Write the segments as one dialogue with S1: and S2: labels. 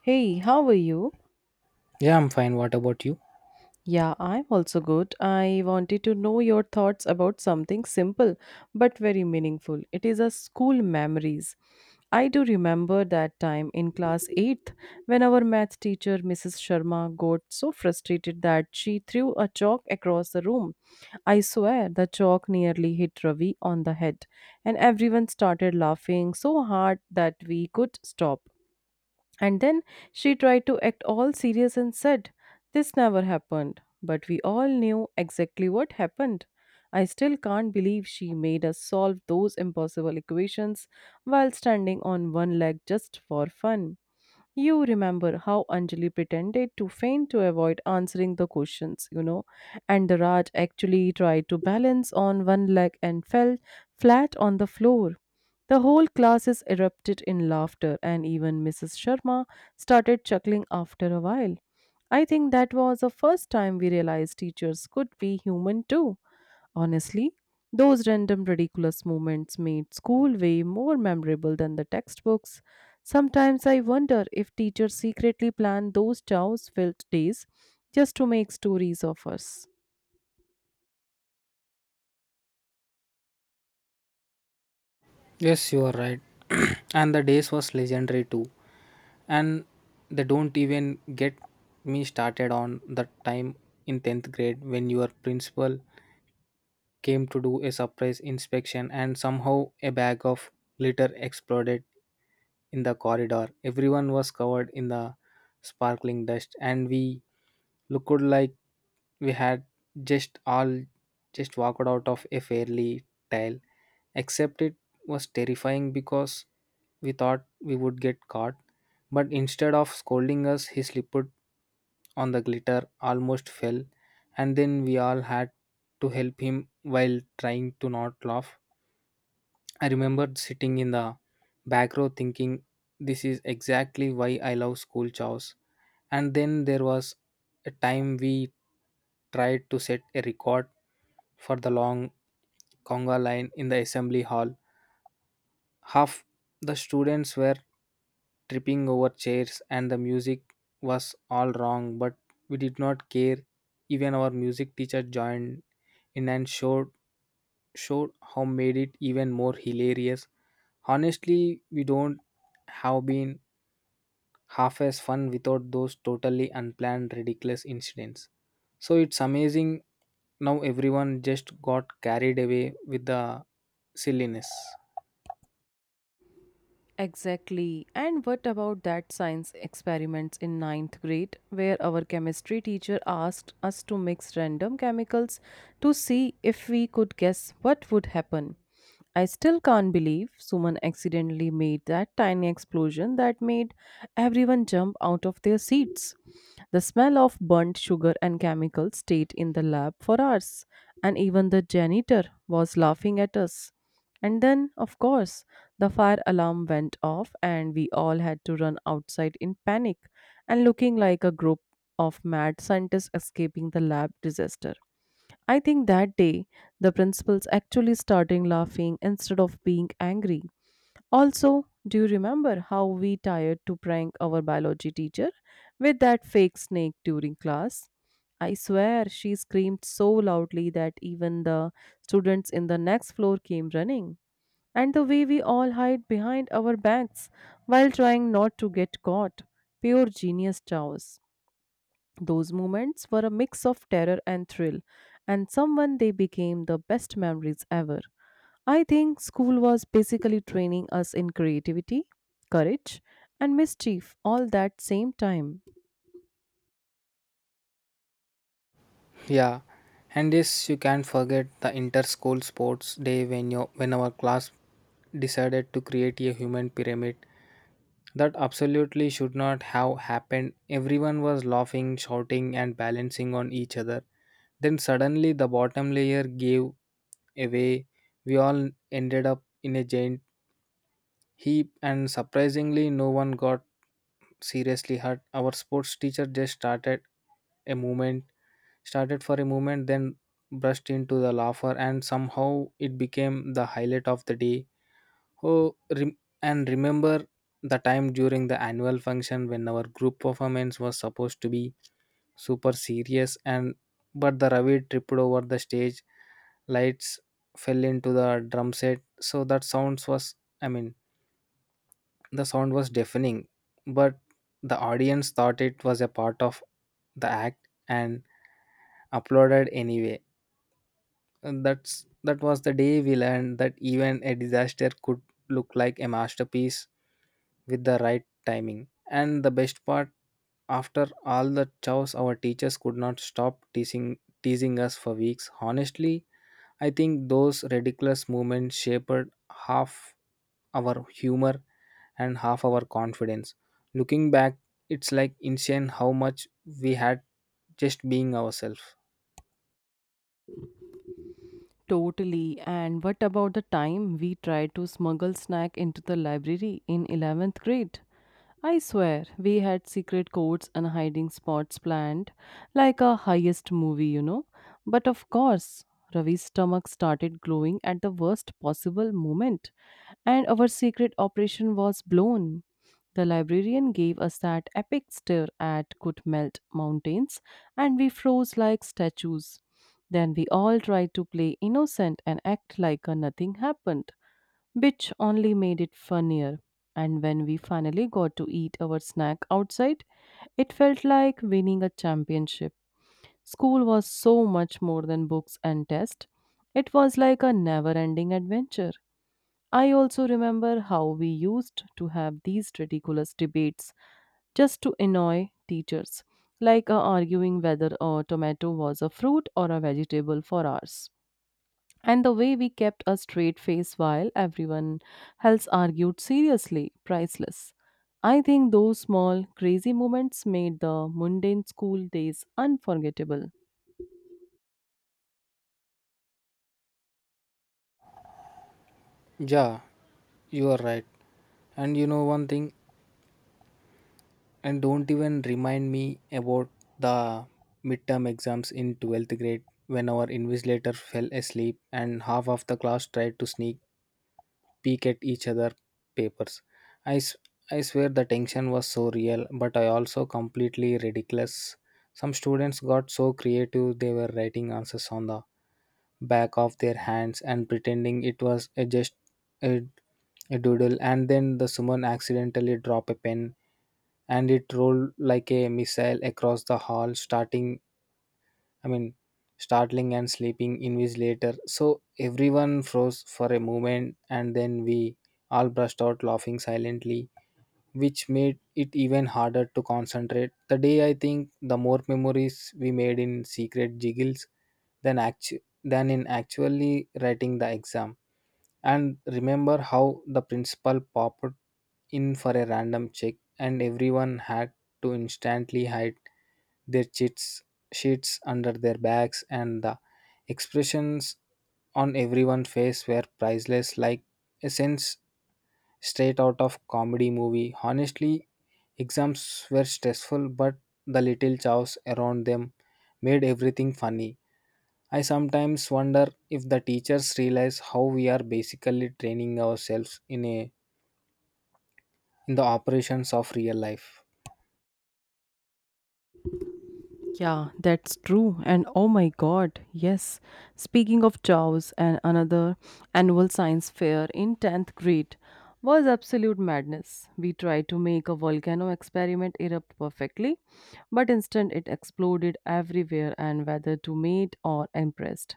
S1: Hey, how are you?
S2: Yeah, I'm fine. What about you?
S1: Yeah, I'm also good. I wanted to know your thoughts about something simple but very meaningful. It is a school memories. I do remember that time in class 8th when our math teacher Mrs. Sharma got so frustrated that she threw a chalk across the room. I swear the chalk nearly hit Ravi on the head, and everyone started laughing so hard that we could stop. And then she tried to act all serious and said, "This never happened." But we all knew exactly what happened. I still can't believe she made us solve those impossible equations while standing on one leg just for fun. You remember how Anjali pretended to faint to avoid answering the questions, and the Raj actually tried to balance on one leg and fell flat on the floor. The whole classes erupted in laughter, and even Mrs. Sharma started chuckling after a while. I think that was the first time we realized teachers could be human too. Honestly, those random ridiculous moments made school way more memorable than the textbooks. Sometimes I wonder if teachers secretly planned those chaos filled days just to make stories of us.
S2: Yes, you are right. And the days was legendary too. And they don't even get me started on the time in 10th grade when your principal came to do a surprise inspection, and somehow a bag of glitter exploded in the corridor. Everyone was covered in the sparkling dust, and we looked like we had just all just walked out of a fairly tale. Except it was terrifying because we thought we would get caught, but instead of scolding us, he slipped on the glitter, almost fell, and then we all had to help him while trying to not laugh. I remembered sitting in the back row thinking, this is exactly why I love school chores. And then there was a time we tried to set a record for the long conga line in the assembly hall. Half the students were tripping over chairs, and the music was all wrong, but we did not care. Even our music teacher joined in and showed how made it even more hilarious. Honestly, we don't have been half as fun without those totally unplanned ridiculous incidents. So it's amazing now everyone just got carried away with the silliness.
S1: Exactly. And what about that science experiments in ninth grade, where our chemistry teacher asked us to mix random chemicals to see if we could guess what would happen? I still can't believe Suman accidentally made that tiny explosion that made everyone jump out of their seats. The smell of burnt sugar and chemicals stayed in the lab for hours, and even the janitor was laughing at us. And then, of course, the fire alarm went off, and we all had to run outside in panic and looking like a group of mad scientists escaping the lab disaster. I think that day the principals actually started laughing instead of being angry. Also, do you remember how we tired to prank our biology teacher with that fake snake during class? I swear she screamed so loudly that even the students in the next floor came running. And the way we all hide behind our backs while trying not to get caught. Pure genius, Chaos. Those moments were a mix of terror and thrill, and someone they became the best memories ever. I think school was basically training us in creativity, courage, and mischief all that same time.
S2: Yeah, and this you can't forget the inter-school sports day when your when our class decided to create a human pyramid. That absolutely should not have happened. Everyone was laughing, shouting, and balancing on each other. Then suddenly the bottom layer gave away. We all ended up in a giant he and surprisingly, no one got seriously hurt. Our sports teacher just started a movement, started for a moment, then burst into the laughter, and somehow it became the highlight of the day. Oh, and remember the time during the annual function when our group performance was supposed to be super serious and but the ravi tripped over the stage lights fell into the drum set so that sounds was, I mean, the sound was deafening, but the audience thought it was a part of the act and applauded anyway. And that was the day we learned that even a disaster could look like a masterpiece with the right timing. And the best part, after all the chows, our teachers could not stop teasing us for weeks. Honestly, I think those ridiculous moments shaped half our humor and half our confidence. Looking back, it's like insane how much we had just being ourselves.
S1: Totally. And what about the time we tried to smuggle snack into the library in 11th grade? I swear, we had secret codes and hiding spots planned, like a highest movie. But of course, Ravi's stomach started glowing at the worst possible moment, and our secret operation was blown. The librarian gave us that epic stare at could melt mountains, and we froze like statues. Then we all tried to play innocent and act like nothing happened, which only made it funnier. And when we finally got to eat our snack outside, it felt like winning a championship. School was so much more than books and tests. It was like a never ending adventure. I also remember how we used to have these ridiculous debates just to annoy teachers, like arguing whether a tomato was a fruit or a vegetable for hours. And the way we kept a straight face while everyone else argued seriously, priceless. I think those small, crazy moments made the mundane school days unforgettable.
S2: Yeah, you are right. And you know one thing, and don't even remind me about the midterm exams in 12th grade when our invigilator fell asleep and half of the class tried to sneak peek at each other papers. I, s- I swear the tension was so real, but I also completely ridiculous. Some students got so creative they were writing answers on the back of their hands and pretending it was a just a, a doodle and then the someone accidentally dropped a pen and it rolled like a missile across the hall starting, I mean, startling and sleeping invigilator. So everyone froze for a moment and then we all burst out laughing silently, which made it even harder to concentrate. The day I think the more memories we made in secret jiggles than in actually writing the exam. And remember how the principal popped in for a random check and everyone had to instantly hide their chits, sheets under their backs, and the expressions on everyone's face were priceless, like a sense straight out of comedy movie. Honestly, exams were stressful, but the little chaos around them made everything funny. I sometimes wonder if the teachers realize how we are basically training ourselves in the operations of real life.
S1: Yeah, that's true. And oh my god, yes. Speaking of chows and another annual science fair in 10th grade was absolute madness. We tried to make a volcano experiment erupt perfectly, but instead it exploded everywhere and whether to mate or impressed.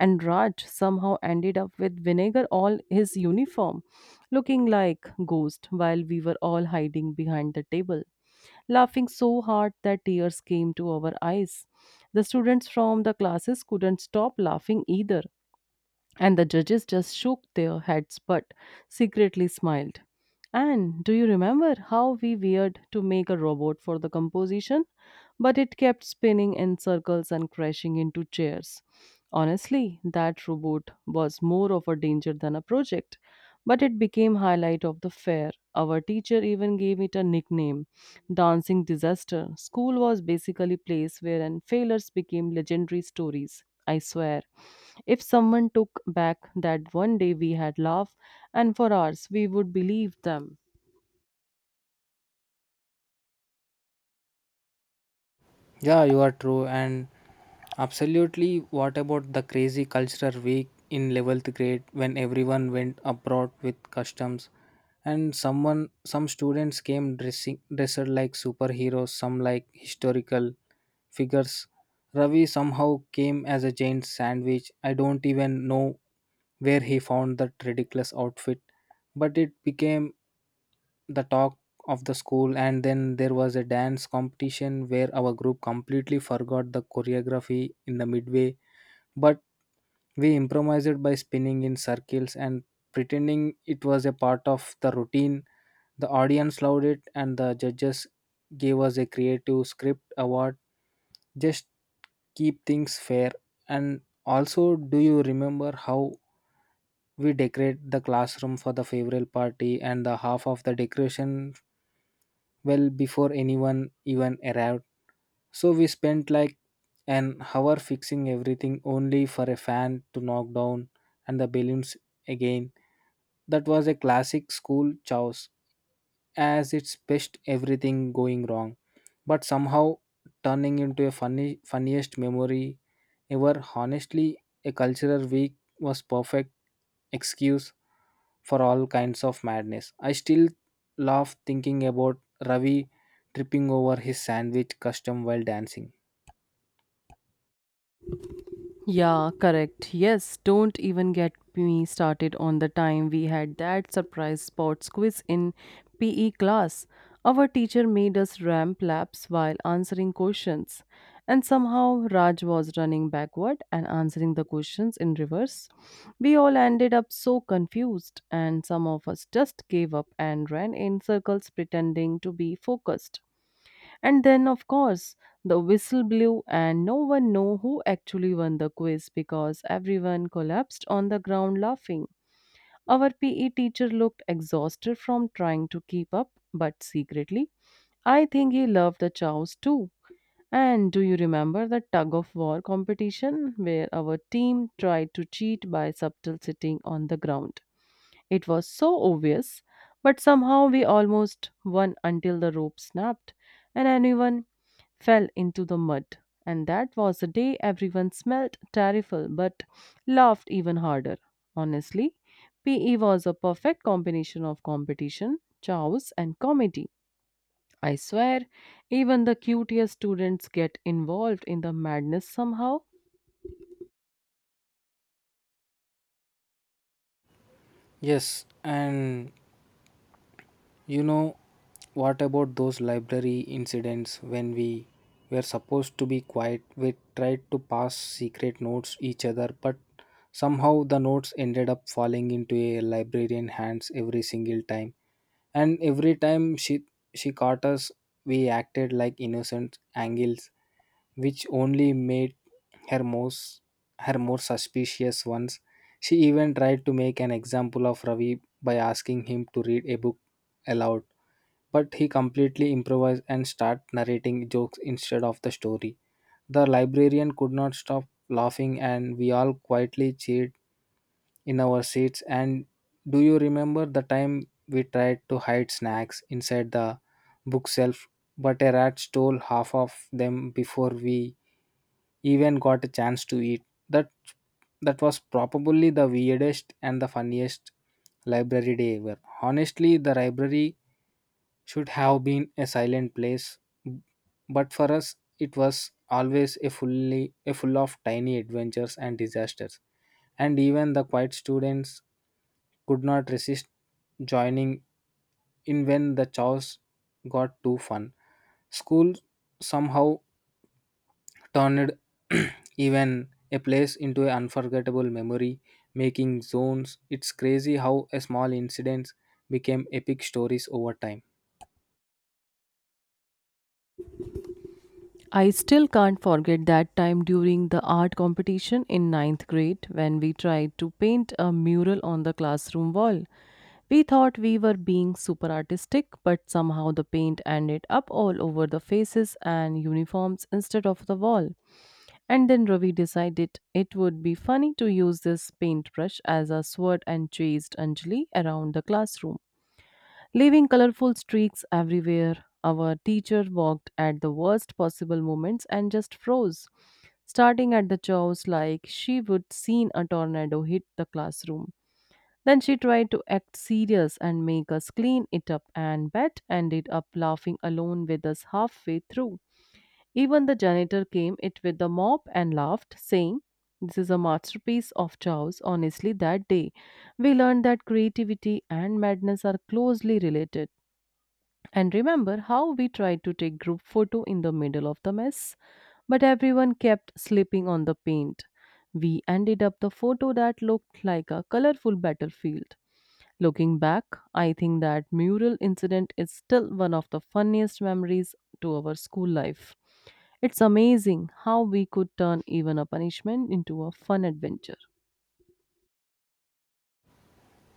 S1: And Raj somehow ended up with vinegar all his uniform, looking like ghost while we were all hiding behind the table laughing so hard that tears came to our eyes. The students from the classes couldn't stop laughing either, and the judges just shook their heads but secretly smiled. And do you remember how we weird to make a robot for the composition? But it kept spinning in circles and crashing into chairs. Honestly, that robot was more of a danger than a project, but it became highlight of the fair. Our teacher even gave it a nickname dancing disaster. School was basically a place where and failures became legendary stories. I swear. If someone took back that one day we had laugh and for hours we would believe them.
S2: Yeah, you are true. And absolutely, what about the crazy cultural week in 11th grade when everyone went abroad with customs? And some students came dressed like superheroes, some like historical, figures. Ravi somehow came as a giant sandwich. I don't even know where he found that ridiculous outfit, but it became the talk of the school. And then there was a dance competition where our group completely forgot the choreography in the midway, but we improvised by spinning in circles and pretending it was a part of the routine. The audience loved it, and the judges gave us a creative script award. Just keep things fair. And also, do you remember how we decorate the classroom for the farewell party and the half of the decoration well before anyone even arrived? So we spent like an hour fixing everything only for a fan to knock down and the balloons again. That was a classic school chaos as it's best everything going wrong, but somehow turning into a funny funniest memory ever. Honestly, a cultural week was perfect excuse for all kinds of madness. I still laugh thinking about Ravi tripping over his sandwich custom while dancing.
S1: Yeah, correct. Yes, don't even get me started on the time we had that surprise sports quiz in PE class. Our teacher made us ramp laps while answering questions, and somehow Raj was running backward and answering the questions in reverse. We all ended up so confused, and some of us just gave up and ran in circles pretending to be focused. And then, of course, the whistle blew, and no one knew who actually won the quiz because everyone collapsed on the ground laughing. Our PE teacher looked exhausted from trying to keep up, but secretly, I think he loved the chows too. And do you remember the tug of war competition where our team tried to cheat by subtle sitting on the ground? It was so obvious, but somehow we almost won until the rope snapped and anyone fell into the mud, and that was the day everyone smelled terrible but laughed even harder. Honestly, PE was a perfect combination of competition, chaos, and comedy. I swear, even the cutest students get involved in the madness somehow.
S2: Yes, and you know what about those library incidents when we were supposed to be quiet? We tried to pass secret notes each other, but somehow the notes ended up falling into a librarian hands every single time. And every time she caught us, we acted like innocent angels which only made her most her more suspicious. Once she even tried to make an example of Ravi by asking him to read a book aloud, but he completely improvised and started narrating jokes instead of the story. The librarian could not stop laughing, and we all quietly cheered in our seats. And do you remember the time we tried to hide snacks inside the bookshelf but a rat stole half of them before we even got a chance to eat that. That was probably the weirdest and the funniest library day ever. Honestly, the library should have been a silent place, but for us it was always a full of tiny adventures and disasters. And even the quiet students could not resist joining in when the chores got too fun. School somehow turned even a place into an unforgettable memory, making zones. It's crazy how a small incidents became epic stories over time.
S1: I still can't forget that time during the art competition in ninth grade when we tried to paint a mural on the classroom wall. We thought we were being super artistic, but somehow the paint ended up all over the faces and uniforms instead of the wall. And then Ravi decided it would be funny to use this paintbrush as a sword and chased Anjali around the classroom, leaving colorful streaks everywhere. Our teacher walked at the worst possible moments and just froze, starting at the jaws like she would seen a tornado hit the classroom. Then she tried to act serious and make us clean it up, and Bet ended up laughing alone with us halfway through. Even the janitor came it with the mop and laughed, saying, "This is a masterpiece of Chow's." Honestly, that day we learned that creativity and madness are closely related. And remember how we tried to take group photo in the middle of the mess, but everyone kept slipping on the paint. We ended up the photo that looked like a colorful battlefield. Looking back, I think that mural incident is still one of the funniest memories to our school life. It's amazing how we could turn even a punishment into a fun adventure.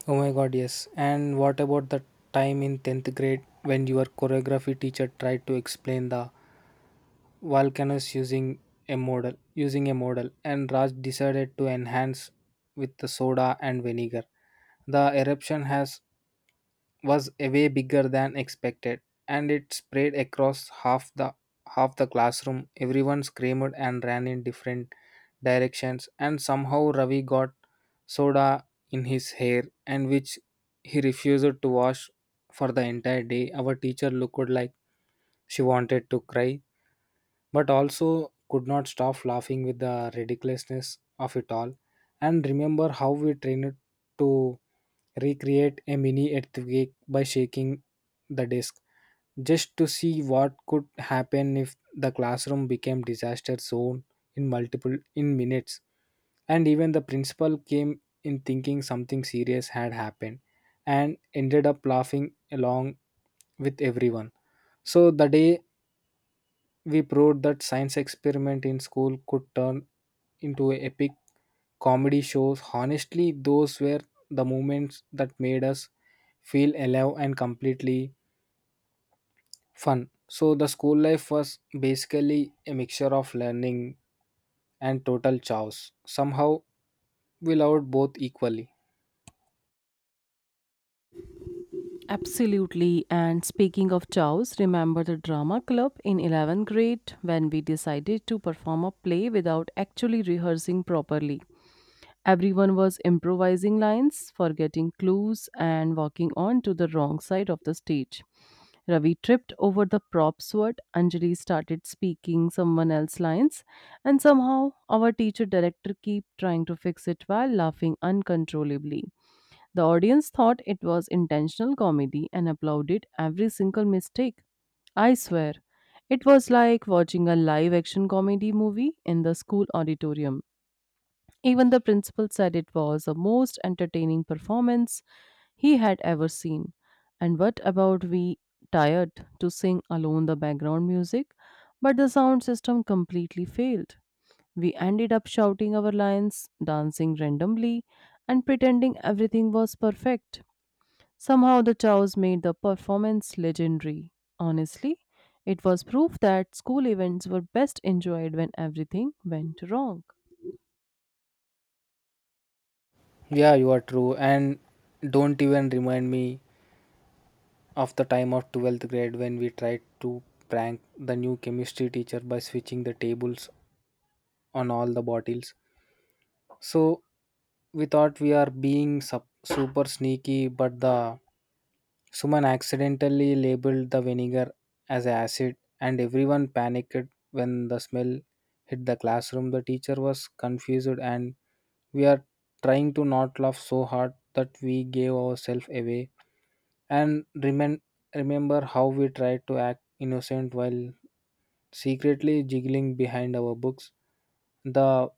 S2: Oh my god, yes. And what about the time in 10th grade when your choreography teacher tried to explain the volcanoes using a model and Raj decided to enhance with the soda and vinegar. The eruption has was a way bigger than expected, and it spread across half the classroom. Everyone screamed and ran in different directions, and somehow Ravi got soda in his hair, and which he refused to wash for the entire day. Our teacher looked like she wanted to cry but also could not stop laughing with the ridiculousness of it all. And remember how we trained to recreate a mini earthquake by shaking the desk just to see what could happen if the classroom became disaster zone in minutes. And even the principal came in thinking something serious had happened and ended up laughing along with everyone. So the day we proved that science experiment in school could turn into epic comedy shows. Honestly, those were the moments that made us feel alive and completely fun. So the school life was basically a mixture of learning and total chaos. Somehow we loved both equally.
S1: Absolutely. And speaking of chows, remember the drama club in 11th grade when we decided to perform a play without actually rehearsing properly? Everyone was improvising lines, forgetting clues, and walking on to the wrong side of the stage. Ravi tripped over the prop sword. Anjali started speaking someone else's lines, and somehow our teacher director kept trying to fix it while laughing uncontrollably. The audience thought it was intentional comedy and applauded every single mistake. I swear, it was like watching a live action comedy movie in the school auditorium. Even the principal said it was the most entertaining performance he had ever seen. And what about we tired to sing alone the background music? But the sound system completely failed. We ended up shouting our lines, dancing randomly, and pretending everything was perfect. Somehow the chows made the performance legendary. Honestly, it was proof that school events were best enjoyed when everything went wrong.
S2: Yeah, you are true. And don't even remind me of the time of 12th grade when we tried to prank the new chemistry teacher by switching the tables on all the bottles. So we thought we are being super sneaky, but the Suman accidentally labeled the vinegar as acid, and everyone panicked when the smell hit the classroom. The teacher was confused, and we are trying to not laugh so hard that we gave ourselves away. And remember how we tried to act innocent while secretly jiggling behind our books. The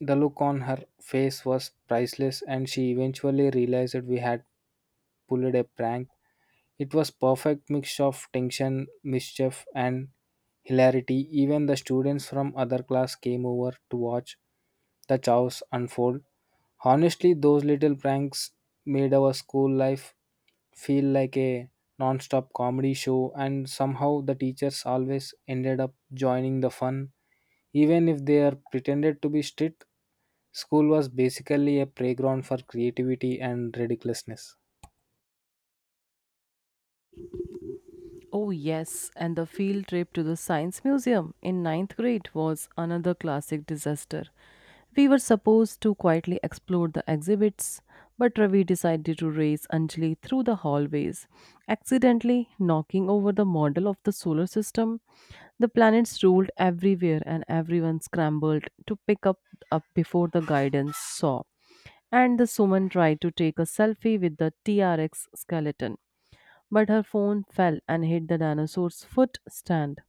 S2: the look on her face was priceless, and she eventually realized that we had pulled a prank. It was perfect mix of tension, mischief, and hilarity. Even the students from other class came over to watch the chaos unfold. Honestly, those little pranks made our school life feel like a non-stop comedy show. And somehow the teachers always ended up joining the fun even if they are pretended to be strict. School was basically a playground for creativity and ridiculousness.
S1: Oh, yes, and the field trip to the Science Museum in ninth grade was another classic disaster. We were supposed to quietly explore the exhibits, but Ravi decided to race Anjali through the hallways, accidentally knocking over the model of the solar system. The planets rolled everywhere, and everyone scrambled to pick up before the guidance saw. And the Suman tried to take a selfie with the T-Rex skeleton, but her phone fell and hit the dinosaur's foot stand.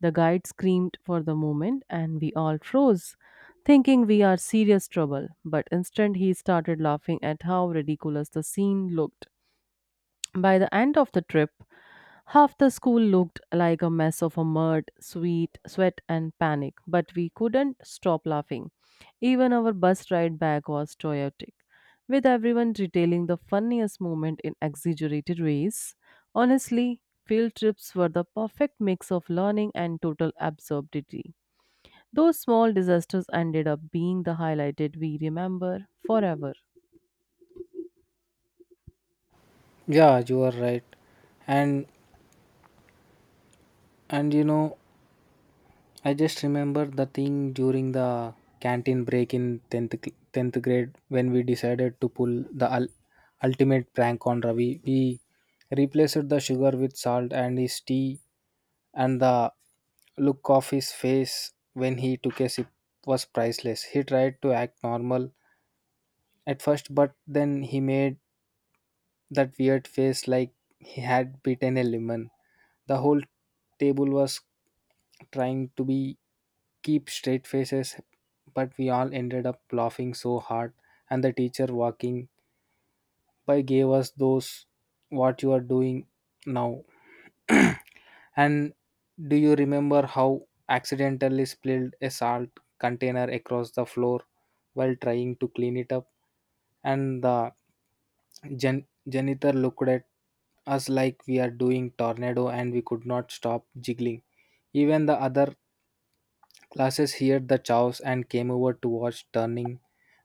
S1: The guide screamed for the moment, and we all froze, thinking we are serious trouble. But instant he started laughing at how ridiculous the scene looked. By the end of the trip, half the school looked like a mess of a mud, sweet, sweat, and panic, but we couldn't stop laughing. Even our bus ride back was chaotic, with everyone retailing the funniest moment in exaggerated ways. Honestly, field trips were the perfect mix of learning and total absurdity. Those small disasters ended up being the highlighted we remember forever.
S2: Yeah, you are right. And and you know, I just remember the thing during the canteen break in 10th, 10th grade when we decided to pull the ultimate prank on Ravi. We replaced the sugar with salt and his tea, and the look of his face when he took a sip was priceless. He tried to act normal at first, but then he made that weird face like he had bitten a lemon. The whole table was trying to be keep straight faces, but we all ended up laughing so hard and the teacher walking by gave us those what you are doing now. And do you remember how accidentally spilled a salt container across the floor while trying to clean it up? And the janitor looked at us like we are doing tornado and we could not stop jiggling. Even the other classes heard the chows and came over to watch, turning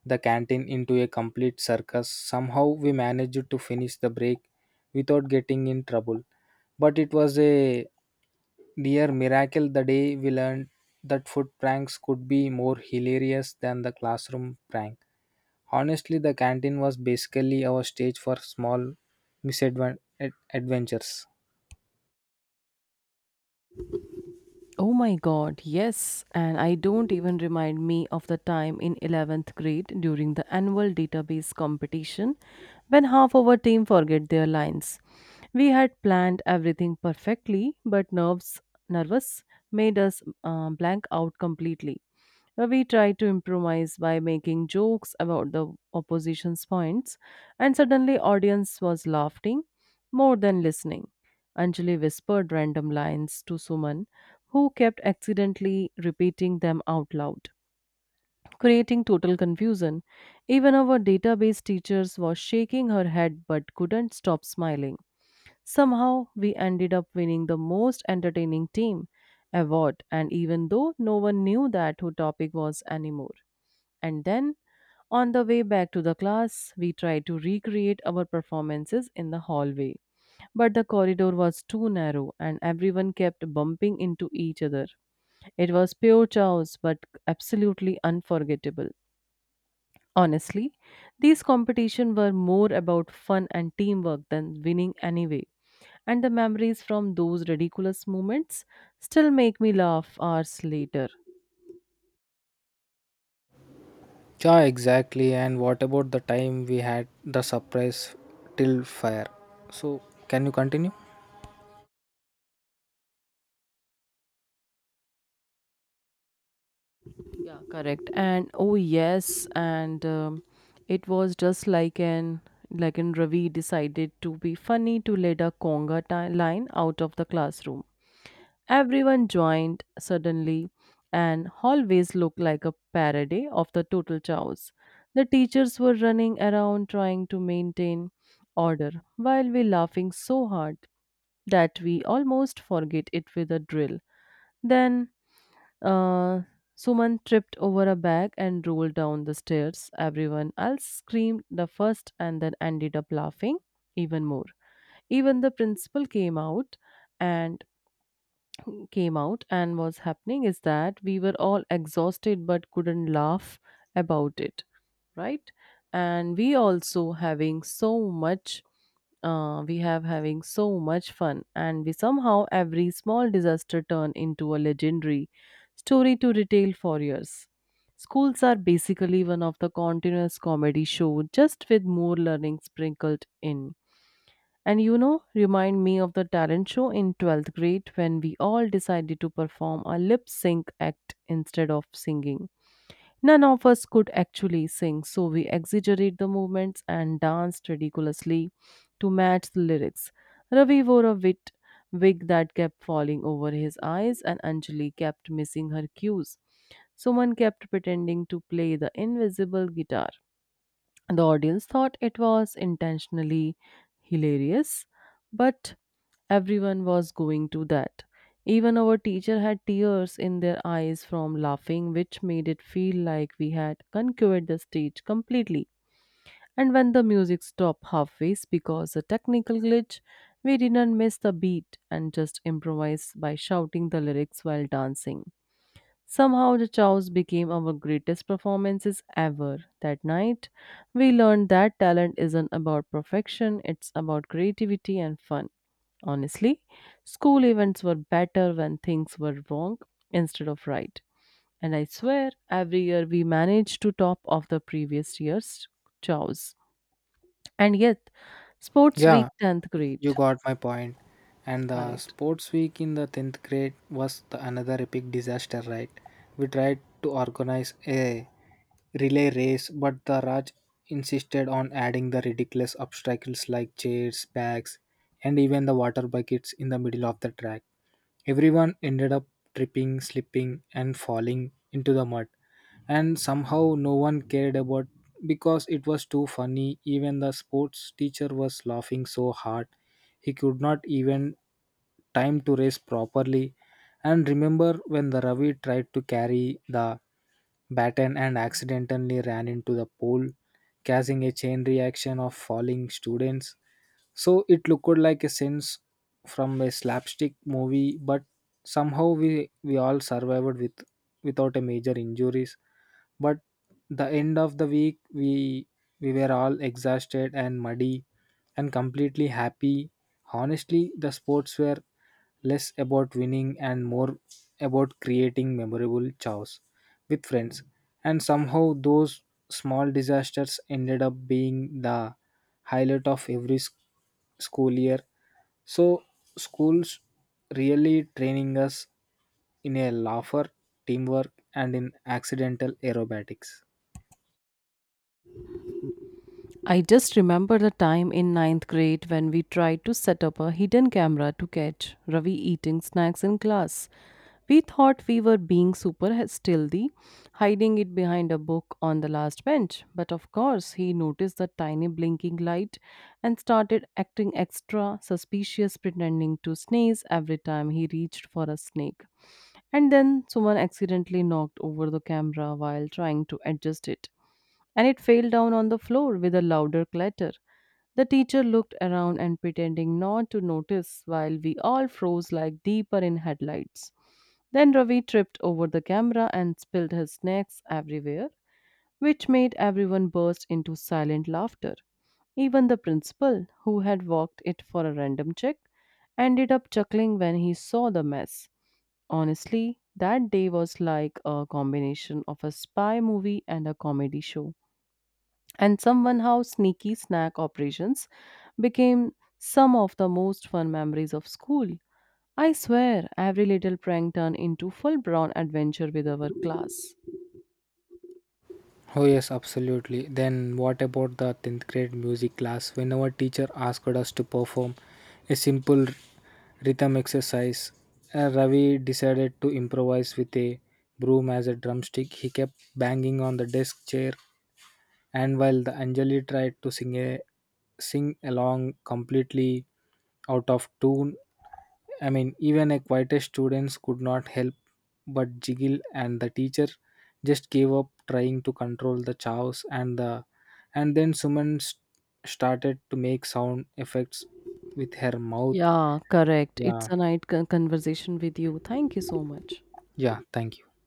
S2: the canteen into a complete circus. Somehow we managed to finish the break without getting in trouble. But it was a near miracle the day we learned that food pranks could be more hilarious than the classroom prank. Honestly, the canteen was basically our stage for small misadventures.
S1: Oh my god, yes. And I don't even remind me of the time in 11th grade during the annual database competition when half of our team forget their lines. We had planned everything perfectly, but nerves nervous made us blank out completely. We try to improvise by making jokes about the opposition's points, and suddenly audience was laughing more than listening. Anjali whispered random lines to Suman, who kept accidentally repeating them out loud, creating total confusion. Even our database teachers was shaking her head but couldn't stop smiling. Somehow we ended up winning the most entertaining team award, and even though no one knew that who topic was anymore. And then, on the way back to the class, we tried to recreate our performances in the hallway. But the corridor was too narrow and everyone kept bumping into each other. It was pure chaos but absolutely unforgettable. Honestly, these competitions were more about fun and teamwork than winning anyway. And the memories from those ridiculous moments still make me laugh hours later.
S2: Yeah, exactly. And what about the time we had the surprise till fire? So, can you continue?
S1: Yeah, correct. And oh yes, and it was just like an Ravi decided to be funny to let a line out of the classroom. Everyone joined suddenly, and hallways looked like a parody of the total chaos. The teachers were running around trying to maintain order while we laughing so hard that we almost forget it with a drill. Then uh, Suman tripped over a bag and rolled down the stairs. Everyone else screamed the first and then ended up laughing even more. Even the principal came out and and what's happening is that we were all exhausted but couldn't laugh about it, right? And we also having so much we have having so much fun, and we somehow every small disaster turn into a legendary story to retell for years. Schools are basically one of the continuous comedy show, just with more learning sprinkled in. And you know remind me of the talent show in 12th grade when we all decided to perform a lip sync act instead of singing. None of us could actually sing, so we exaggerate the movements and danced ridiculously to match the lyrics. Ravi wore a wit wig that kept falling over his eyes, and Anjali kept missing her cues. Someone kept pretending to play the invisible guitar. The audience thought it was intentionally hilarious, but everyone was going to that. Even our teacher had tears in their eyes from laughing, which made it feel like we had conquered the stage completely. And when the music stopped halfway because a technical glitch, we didn't miss the beat and just improvised by shouting the lyrics while dancing. Somehow, the chows became our greatest performances ever. That night, we learned that talent isn't about perfection, it's about creativity and fun. Honestly, school events were better when things were wrong instead of right. And I swear, every year we managed to top off the previous year's chows. And yet, sports week
S2: Yeah,
S1: 10th
S2: you
S1: grade.
S2: got my point. And the
S1: Correct.
S2: sports week in the 10th grade was the another epic disaster, right? We tried to organize a relay race, but the Raj insisted on adding the ridiculous obstacles like chairs, bags, and even the water buckets in the middle of the track. Everyone ended up tripping, slipping, and falling into the mud and somehow no one cared about because it was too funny. Even the sports teacher was laughing so hard he could not even time to race properly. And remember when the ravi tried to carry the baton and accidentally ran into the pole, causing a chain reaction of falling students, so it looked like a sense from a slapstick movie, but somehow we all survived without a major injuries. But the end of the week we were all exhausted and muddy and completely happy. Honestly, the sports were less about winning and more about creating memorable chows with friends. And somehow, those small disasters ended up being the highlight of every school year. So, schools really training us in a laugher, teamwork, and in accidental aerobatics.
S1: I just remember the time in ninth grade when we tried to set up a hidden camera to catch Ravi eating snacks in class. We thought we were being super stealthy, hiding it behind a book on the last bench. But of course, he noticed the tiny blinking light and started acting extra suspicious, pretending to sneeze every time he reached for a snake. And then someone accidentally knocked over the camera while trying to adjust it, and it fell down on the floor with a louder clatter. The teacher looked around and pretending not to notice while we all froze like deeper in headlights. Then Ravi tripped over the camera and spilled his snacks everywhere, which made everyone burst into silent laughter. Even the principal, who had walked it for a random check, ended up chuckling when he saw the mess. Honestly, that day was like a combination of a spy movie and a comedy show. And somehow, sneaky snack operations became some of the most fun memories of school. I swear, every little prank turned into full blown adventure with our class.
S2: Oh yes, absolutely. Then what about the 10th grade music class? When our teacher asked us to perform a simple rhythm exercise, Ravi decided to improvise with a broom as a drumstick. He kept banging on the desk chair and while the Anjali tried to sing along completely out of tune. I mean even a quietest students could not help but jiggle and the teacher just gave up trying to control the chaos and then Suman started to make sound effects with her mouth.
S1: Yeah, correct. It's
S2: Yeah,
S1: a night conversation with you. Thank you so much.
S2: yeah, thank you.